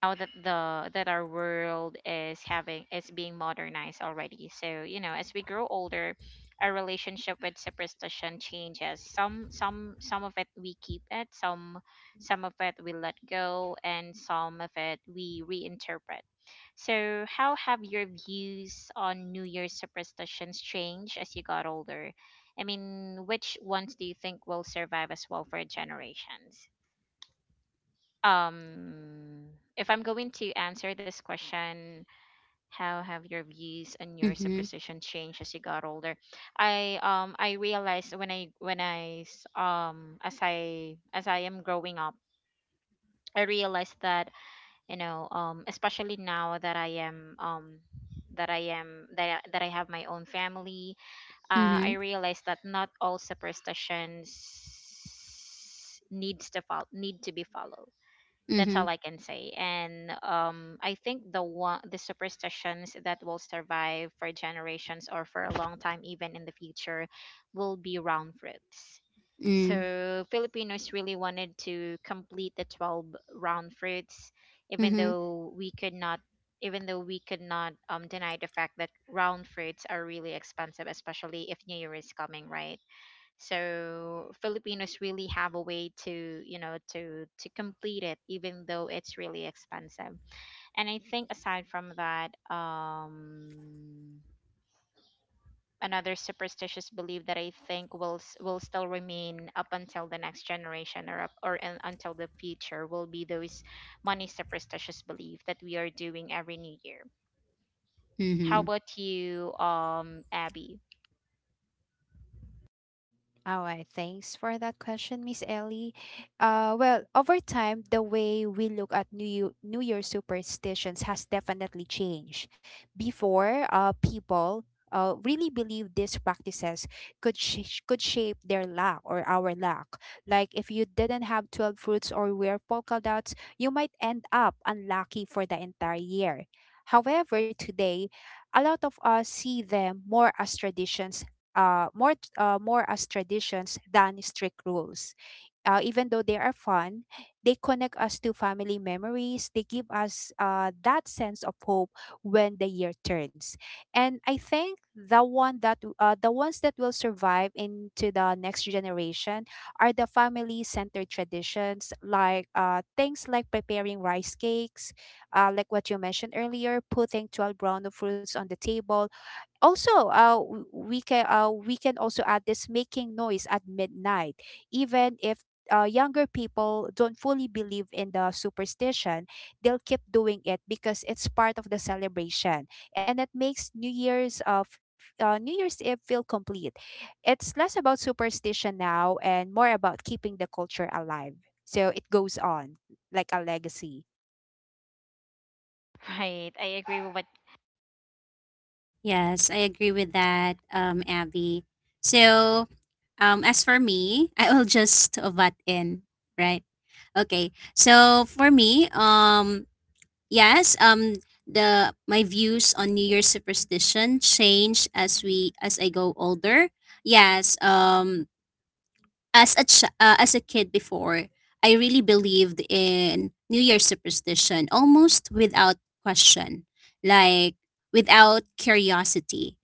Speaker 1: now that the that our world is having is being modernized already, so you know, as we grow older, our relationship with superstition changes. Some of it we keep, it some of it we let go, and some of it we reinterpret. So how have your views on New Year's superstitions changed as you got older? I mean, which ones do you think will survive as well for generations? um if I'm going to answer this question, how have your views and your
Speaker 2: Mm-hmm.
Speaker 1: superstition changed as you got older? I realized as I am growing up, I realized that, you know, especially now that I am that I am that I have my own family,
Speaker 2: Mm-hmm.
Speaker 1: I realized that not all superstitions need to be followed. That's
Speaker 2: Mm-hmm.
Speaker 1: all I can say. And I think the superstitions that will survive for generations or for a long time, even in the future, will be round fruits. So Filipinos really wanted to complete the 12 round fruits, even
Speaker 2: Mm-hmm.
Speaker 1: though we could not deny the fact that round fruits are really expensive, especially if New Year is coming, right? So Filipinos really have a way to, you know, to complete it even though it's really expensive. And I think aside from that, another superstitious belief that I think will still remain up until the next generation, or until the future, will be those money superstitious belief that we are doing every New Year. How
Speaker 2: Mm-hmm.
Speaker 1: about you, Abby?
Speaker 3: All right, thanks for that question, Miss Ellie. Well, over time, the way we look at New Year superstitions has definitely changed. Before, people, really believed these practices could shape their luck or our luck. Like, if you didn't have 12 fruits or wear polka dots, you might end up unlucky for the entire year. However, today, a lot of us see them more as traditions than strict rules. Even though they are fun, they connect us to family memories. They give us, that sense of hope when the year turns. And I think the ones that will survive into the next generation are the family-centered traditions, like, things like preparing rice cakes, like what you mentioned earlier, putting 12 brown fruits on the table. Also, we can also add this making noise at midnight, even if, younger people don't fully believe in the superstition. They'll keep doing it because it's part of the celebration, and it makes New Year's Eve feel complete. It's less about superstition now and more about keeping the culture alive. So it goes on like a legacy.
Speaker 1: [laughs] Right, I agree with what
Speaker 2: Yes, I agree with that, Abby. So, as for me, [laughs] I will just butt in, right? Okay. So for me, yes, the my views on New Year's superstition change as we as I go older. Yes, as a as a kid before, I really believed in New Year's superstition almost without question, like without curiosity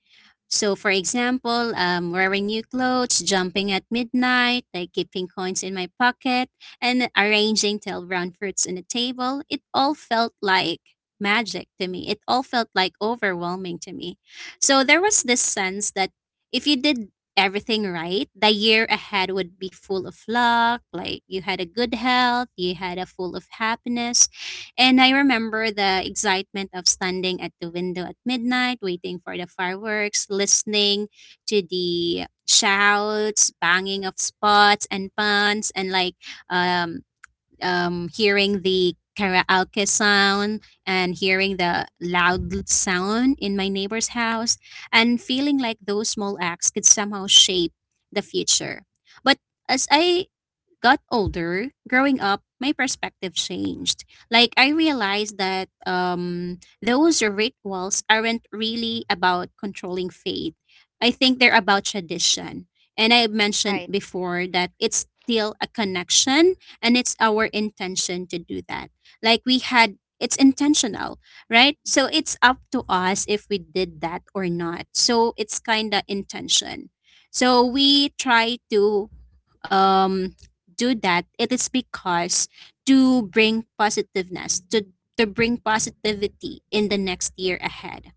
Speaker 2: so, for example, wearing new clothes, jumping at midnight, like keeping coins in my pocket, and arranging tail round fruits on the table, it all felt like magic to me. It all felt like overwhelming to me. So, there was this sense that if you did everything right, the year ahead would be full of luck, like you had a good health, you had a full of happiness, and I remember the excitement of standing at the window at midnight, waiting for the fireworks, listening to the shouts, banging of spots and pans, and like um, hearing the karaoke sound and hearing the loud sound in my neighbor's house, and feeling like those small acts could somehow shape the future. But as I got older, growing up, my perspective changed. Like I realized that those rituals aren't really about controlling faith. I think they're about tradition. And I mentioned
Speaker 1: Right.
Speaker 2: before that it's still a connection and it's our intention to do that. Like we had it's intentional, right? So it's up to us if we did that or not. So it's kind of intention. So we try to um, do that, it is because to bring positiveness, to bring positivity in the next year ahead.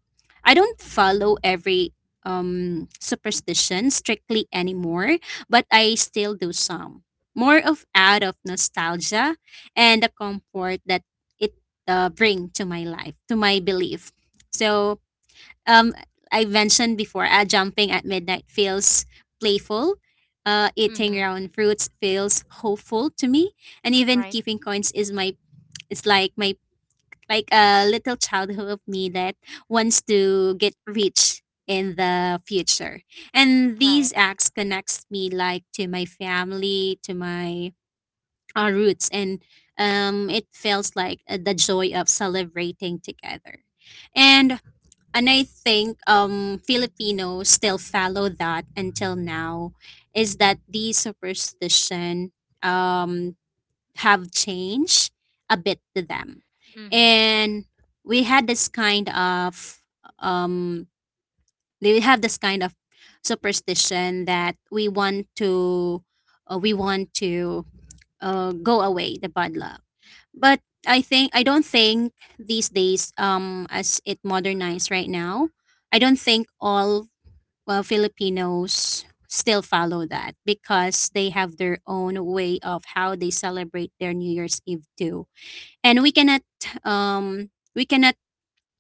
Speaker 2: I don't follow every superstition strictly anymore, but I still do some. More of out of nostalgia and the comfort that it bring to my life, to my belief. So um, I mentioned before, jumping at midnight feels playful eating
Speaker 1: Mm-hmm,
Speaker 2: round fruits feels hopeful to me, and even
Speaker 1: right,
Speaker 2: keeping coins is my it's like my like a little childhood of me that wants to get rich in the future. And
Speaker 1: right,
Speaker 2: these acts connects me like to my family, to my roots, and it feels like the joy of celebrating together. And and I think Filipinos still follow that until now is that these superstition um, have changed a bit to them.
Speaker 1: mm-hmm.
Speaker 2: And we had this kind of um, they have this kind of superstition that we want to uh, we want to go away the bad luck but I don't think these days as it modernized right now I don't think all well, Filipinos still follow that because they have their own way of how they celebrate their New Year's Eve too and um we cannot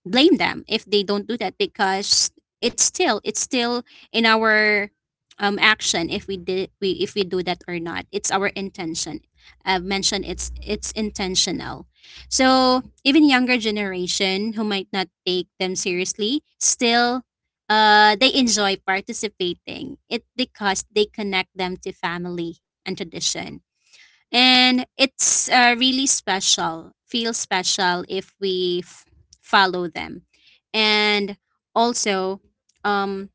Speaker 2: blame them if they don't do that because it's still in our action if we did we if we do that or not it's our intention I've mentioned it's intentional so even younger generation who might not take them seriously still they enjoy participating it because they connect them to family and tradition and it's really special feels special if follow them and also um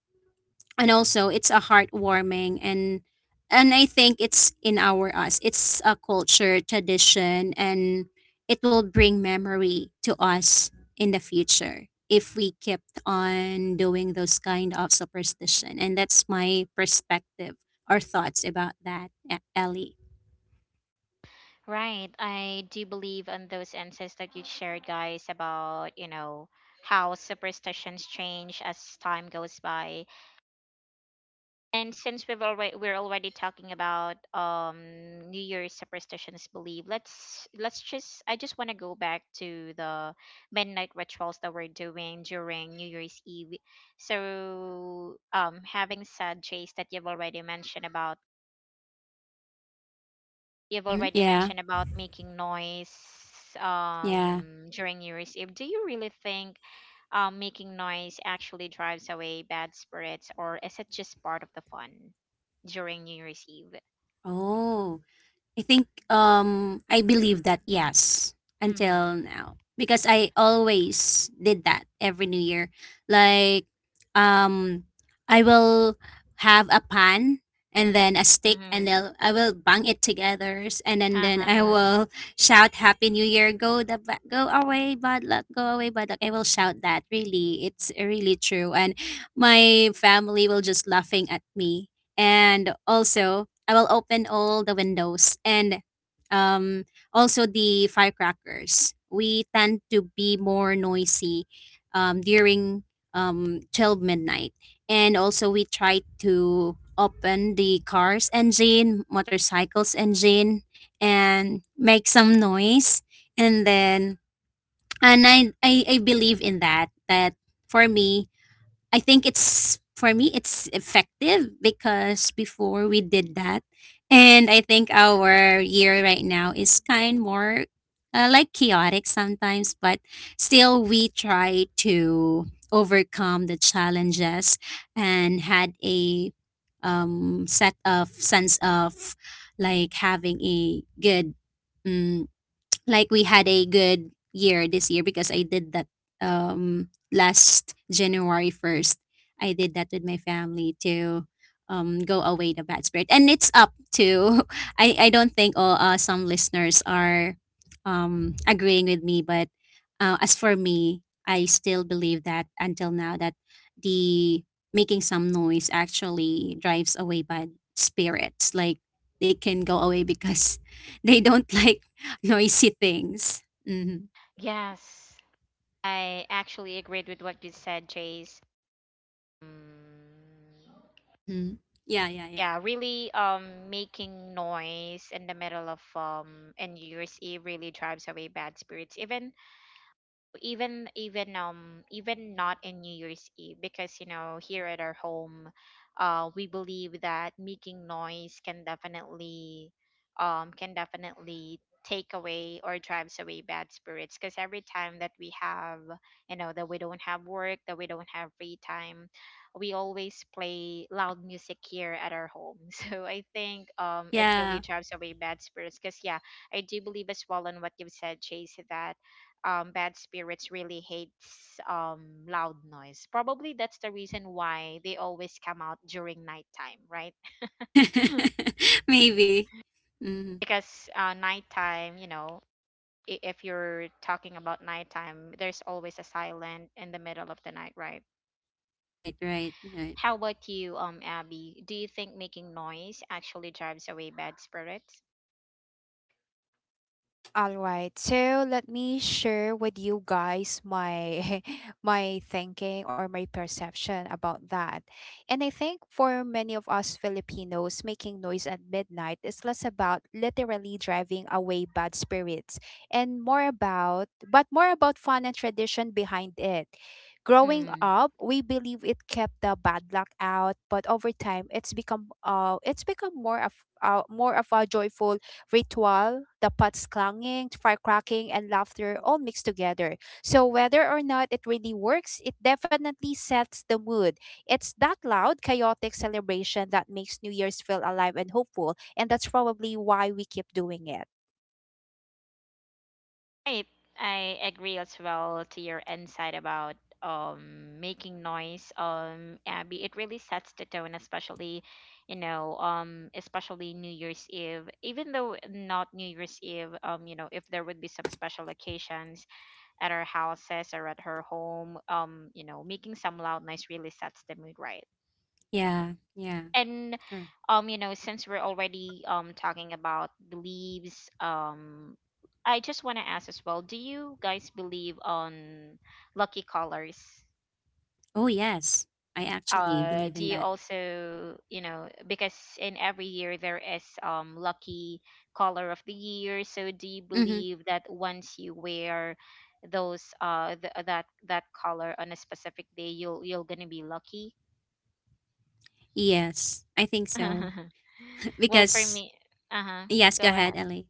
Speaker 2: and also it's a heartwarming and I think it's in our us it's a culture tradition and it will bring memory to us in the future if we kept on doing those kind of superstition and that's my perspective or thoughts about that Ellie.
Speaker 1: Right. I do believe on those insights that you shared, guys, about, you know, how superstitions change as time goes by. And since we're already talking about New Year's superstitions believe, let's just I just wanna go back to the midnight rituals that we're doing during New Year's Eve. So having said Chase that you've
Speaker 2: Mhm,
Speaker 1: already
Speaker 2: yeah,
Speaker 1: mentioned about making noise
Speaker 2: yeah.
Speaker 1: during New Year's Eve. Do you really think making noise actually drives away bad spirits, or is it just part of the fun during New Year's Eve?
Speaker 2: Oh, I think I believe that yes
Speaker 1: Mm-hmm.
Speaker 2: until now because I always did that every new year. Like um I will have a pan and then a stick and
Speaker 1: Mm-hmm.
Speaker 2: then I will bang it together and
Speaker 1: Ha
Speaker 2: then
Speaker 1: ha
Speaker 2: I
Speaker 1: ha.
Speaker 2: will shout happy new year go the go away bad luck go away bad luck I will shout that really it's really true and my family will just laughing at me and also I will open all the windows and um, also the firecrackers. We tend to be more noisy during 12 midnight. And also, we try to open the car's engine, motorcycle's engine, and make some noise. And then, and I believe in that, that for me, I think it's for me it's effective because before we did that and I think our year right now is kind more like chaotic sometimes but still we try to overcome the challenges and had a set of sense of like having a good mm, like we had a good year this year because I did that last January 1st. I did that with my family to go away the bad spirit. And it's up to [laughs] I don't think all some listeners are agreeing with me but as for me, I still believe that until now that the making some noise actually drives away bad spirits like they can go away because [laughs] they don't like [laughs] noisy things. Mm-hmm.
Speaker 1: Yes, I actually agreed with what you said, Chase. Mm,
Speaker 2: Mm-hmm. Yeah, yeah, yeah.
Speaker 1: yeah, really, making noise in the middle of and New Year's Eve really drives away bad spirits. Even not in New Year's Eve, because you know, here at our home, uh, we believe that making noise can definitely take away or drives away bad spirits, because every time that we have, you know, that we don't have work, that we don't have free time, we always play loud music here at our home. [laughs] So I think it really
Speaker 2: Yeah.
Speaker 1: drives away bad spirits, because yeah, I do believe as well in what you've said, Chase, that bad spirits really hates loud noise. Probably that's the reason why they always come out during nighttime, right? [laughs]
Speaker 2: [laughs] Maybe. Mm-hmm.
Speaker 1: Because, uh, nighttime, you know, I- if you're talking about nighttime, there's always a silent in the middle of the night, right?
Speaker 2: Right, right, right.
Speaker 1: How about you, Abby? Do you think making noise actually drives away bad spirits?
Speaker 3: All right. So let me share with you guys my [laughs] my thinking or my perception about that. And I think for many of us Filipinos, making noise at midnight is less about literally driving away bad spirits and more about fun and tradition behind it. Growing up, we believe it kept the bad luck out, but over time, it's become more of a joyful ritual, the pots clanging, fire cracking, and laughter all mixed together. So whether or not it really works, it definitely sets the mood. It's that loud, chaotic celebration that makes New Year's feel alive and hopeful, and that's probably why we keep doing it.
Speaker 1: Right. I agree as well to your insight about making noise, um, Abby. It really sets the tone, especially, you know, especially New Year's Eve. Even though not New Year's Eve, you know, if there would be some special occasions at our houses or at her home, you know, making some loud noise really sets the mood, right?
Speaker 2: Yeah, yeah,
Speaker 1: And
Speaker 2: sure.
Speaker 1: you know, since we're already talking about beliefs, I just want to ask as well, do you guys believe on lucky colors?
Speaker 2: Oh, yes. I actually believe
Speaker 1: Uh,
Speaker 2: in
Speaker 1: do
Speaker 2: that.
Speaker 1: you also, you know, because in every year there is lucky color of the year. So do you
Speaker 2: Mm-hmm.
Speaker 1: believe that once you wear those that color on a specific day, you'll, you're gonna be lucky?
Speaker 2: Yes, I think so.
Speaker 1: [laughs]
Speaker 2: [laughs]
Speaker 1: Well, for
Speaker 2: Because,
Speaker 1: me, uh-huh,
Speaker 2: yes, go
Speaker 1: go
Speaker 2: ahead,
Speaker 1: ahead.
Speaker 2: Ellie.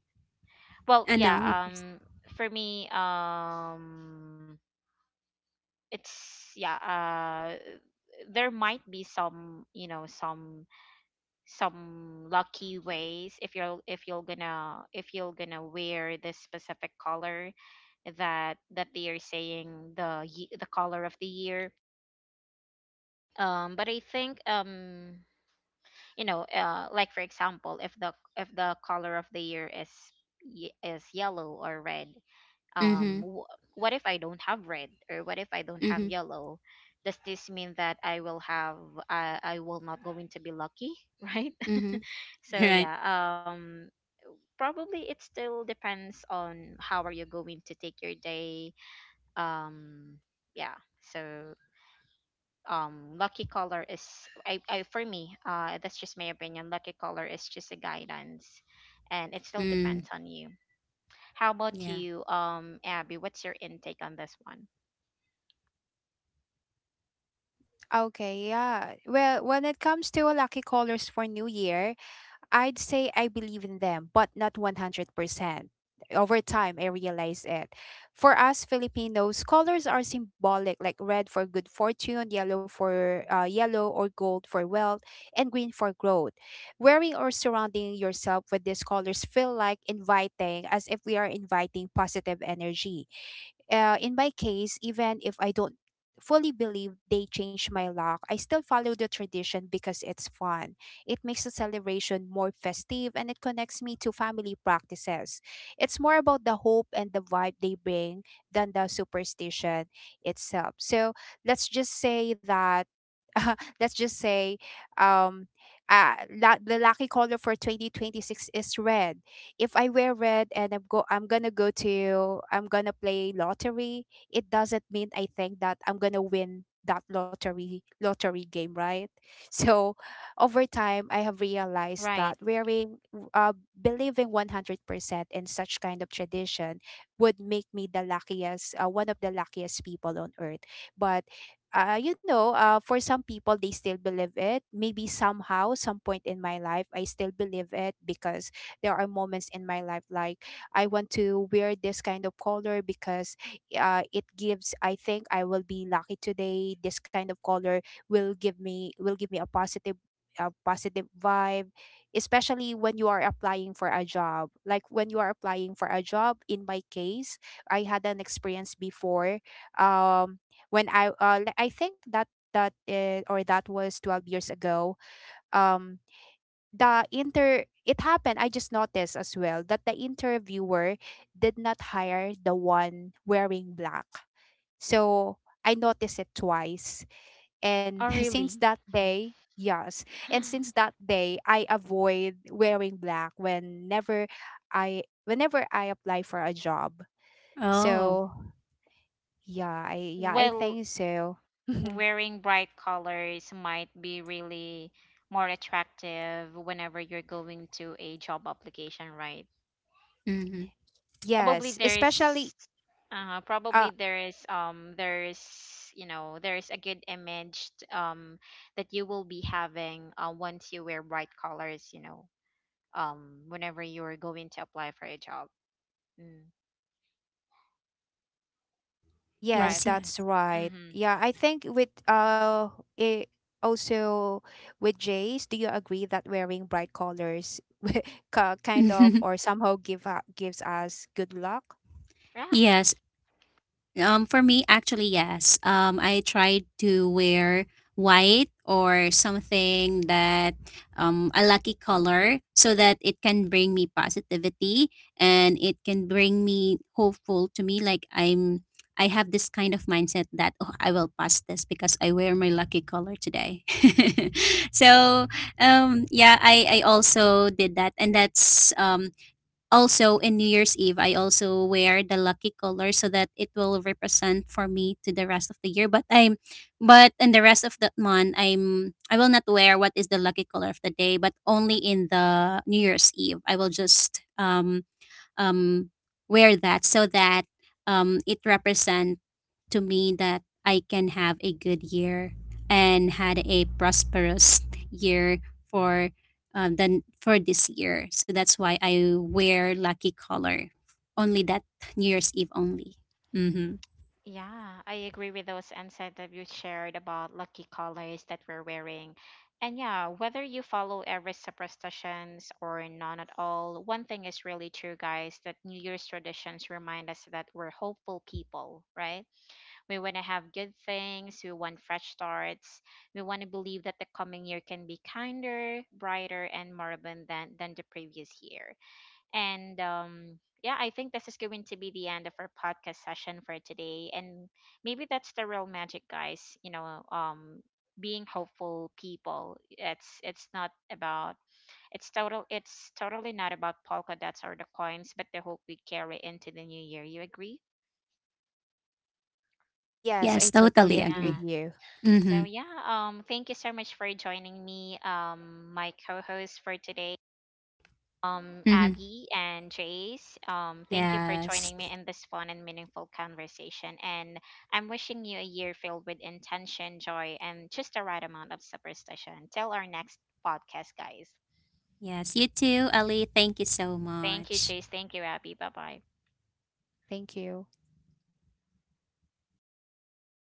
Speaker 1: Well
Speaker 2: I know you
Speaker 1: yeah,
Speaker 2: first.
Speaker 1: for me, it's, yeah, uh, there might be some, you know, some lucky ways if you're gonna wear this specific color that, that they are saying the the color of the year. But I think, you know, uh, like for example, if the color of the year is is yellow or red,
Speaker 2: Mm-hmm.
Speaker 1: um w- what if I don't have red, or what if I don't
Speaker 2: Mm-hmm.
Speaker 1: have yellow? Does this mean that I will not going to be lucky? [laughs] Right?
Speaker 2: Mm-hmm. [laughs]
Speaker 1: So
Speaker 2: Right.
Speaker 1: yeah, um probably it still depends on how are you going to take your day. um yeah. So lucky color is, I for me, uh, that's just my opinion, lucky color is just a guidance, and it still
Speaker 2: Mm.
Speaker 1: depends on you. How about
Speaker 2: Yeah.
Speaker 1: you, Abby, what's your intake on this one?
Speaker 3: Okay, yeah. Well, when it comes to lucky colors for New Year, I'd say I believe in them, but not 100%. Over time, I realized it. For us Filipinos, colors are symbolic, like red for good fortune, yellow or gold for wealth, and green for growth. Wearing or surrounding yourself with these colors feel like inviting, as if we are inviting positive energy. In my case, even if I don't fully believe they changed my luck, I still follow the tradition because it's fun. It makes the celebration more festive, and it connects me to family practices. It's more about the hope and the vibe they bring than the superstition itself. So let's just say that. [laughs] Let's just say, um uh, the lucky color for 2026 is red. If I wear red and I'm go I'm gonna go to I'm gonna play lottery, it doesn't mean I think that I'm gonna win that lottery game, right? [laughs] So over time I have realized
Speaker 1: Right.
Speaker 3: that believing 100% in such kind of tradition would make me the luckiest one of the luckiest people on earth. But, for some people, they still believe it. Maybe somehow, some point in my life, I still believe it, because there are moments in my life, like, I want to wear this kind of color because, it gives I think I will be lucky today. This kind of color will give me a positive vibe, especially when you are applying for a job, like when you are applying for a job in my case. I had an experience before. Um when i uh, li- i think that was 12 years ago. Um the inter It happened, I just noticed as well that the interviewer did not hire the one wearing black. So I noticed it twice, and
Speaker 1: Oh,
Speaker 3: [laughs] since
Speaker 1: really?
Speaker 3: that day, yes, and since
Speaker 1: [gasps]
Speaker 3: that day, I avoid wearing black whenever I apply for a job.
Speaker 2: Oh.
Speaker 3: So yeah, I
Speaker 1: Well,
Speaker 3: think so. [laughs]
Speaker 1: wearing bright colors might be really more attractive whenever you're going to a job application, right?
Speaker 2: Mm-hmm.
Speaker 1: Probably
Speaker 3: Yes,
Speaker 1: there is
Speaker 3: especially, uh,
Speaker 1: Probably there is there is, you know, there is a good image that you will be having, once you wear bright colors, you know, whenever you're going to apply for a job. Mm,
Speaker 3: yes,
Speaker 1: right,
Speaker 2: Yes,
Speaker 3: that's
Speaker 2: yes.
Speaker 3: right.
Speaker 1: mm-hmm,
Speaker 3: Yeah, I think with it also with Jays, do you agree that wearing bright colors, kind of or
Speaker 2: [laughs]
Speaker 3: somehow gives us good luck?
Speaker 1: yeah,
Speaker 2: yes, for me, actually, yes. I tried to wear white or something that a lucky color so that it can bring me positivity and it can bring me hopeful to me. I have this kind of mindset that oh, I will pass this because I wear my lucky color today. [laughs] So yeah, I also did that, and that's also, in New Year's Eve, I also wear the lucky color so that it will represent for me to the rest of the year. But in the rest of the month, I will not wear what is the lucky color of the day, but only in the New Year's Eve. I will just um wear that so that it represents to me that I can have a good year and had a prosperous year for then for this year. So that's why I wear lucky color only that New Year's Eve only. Mm-hmm.
Speaker 1: yeah. I agree with those insights that you shared about lucky colors that we're wearing. And yeah, whether you follow every superstitions or none at all, one thing is really true, guys, that New Year's traditions remind us that we're hopeful people, right? We want to have good things, we want fresh starts, we want to believe that the coming year can be kinder, brighter, and more abundant than the previous year. And yeah, I think this is going to be the end of our podcast session for today. And maybe that's the real magic, guys. You know, being hopeful people, it's totally not about polka dots or the coins, but the hope we carry into the new year. You agree?
Speaker 3: Yes, I
Speaker 2: Yes,
Speaker 3: totally
Speaker 2: totally
Speaker 3: agree with
Speaker 2: agree.
Speaker 1: Yeah.
Speaker 3: you.
Speaker 2: Mm-hmm.
Speaker 1: So yeah, thank you so much for joining me, my co-host for today,
Speaker 2: Mm-hmm.
Speaker 1: Abby and Jace. Thank you for
Speaker 2: Yes.
Speaker 1: joining me in this fun and meaningful conversation. And I'm wishing you a year filled with intention, joy, and just the right amount of superstition. Till our next podcast, guys.
Speaker 2: Yes. You too, Ali. Thank you so
Speaker 1: Thank you,
Speaker 2: much.
Speaker 1: Jace. Thank you, Abby. Bye bye.
Speaker 3: Thank you.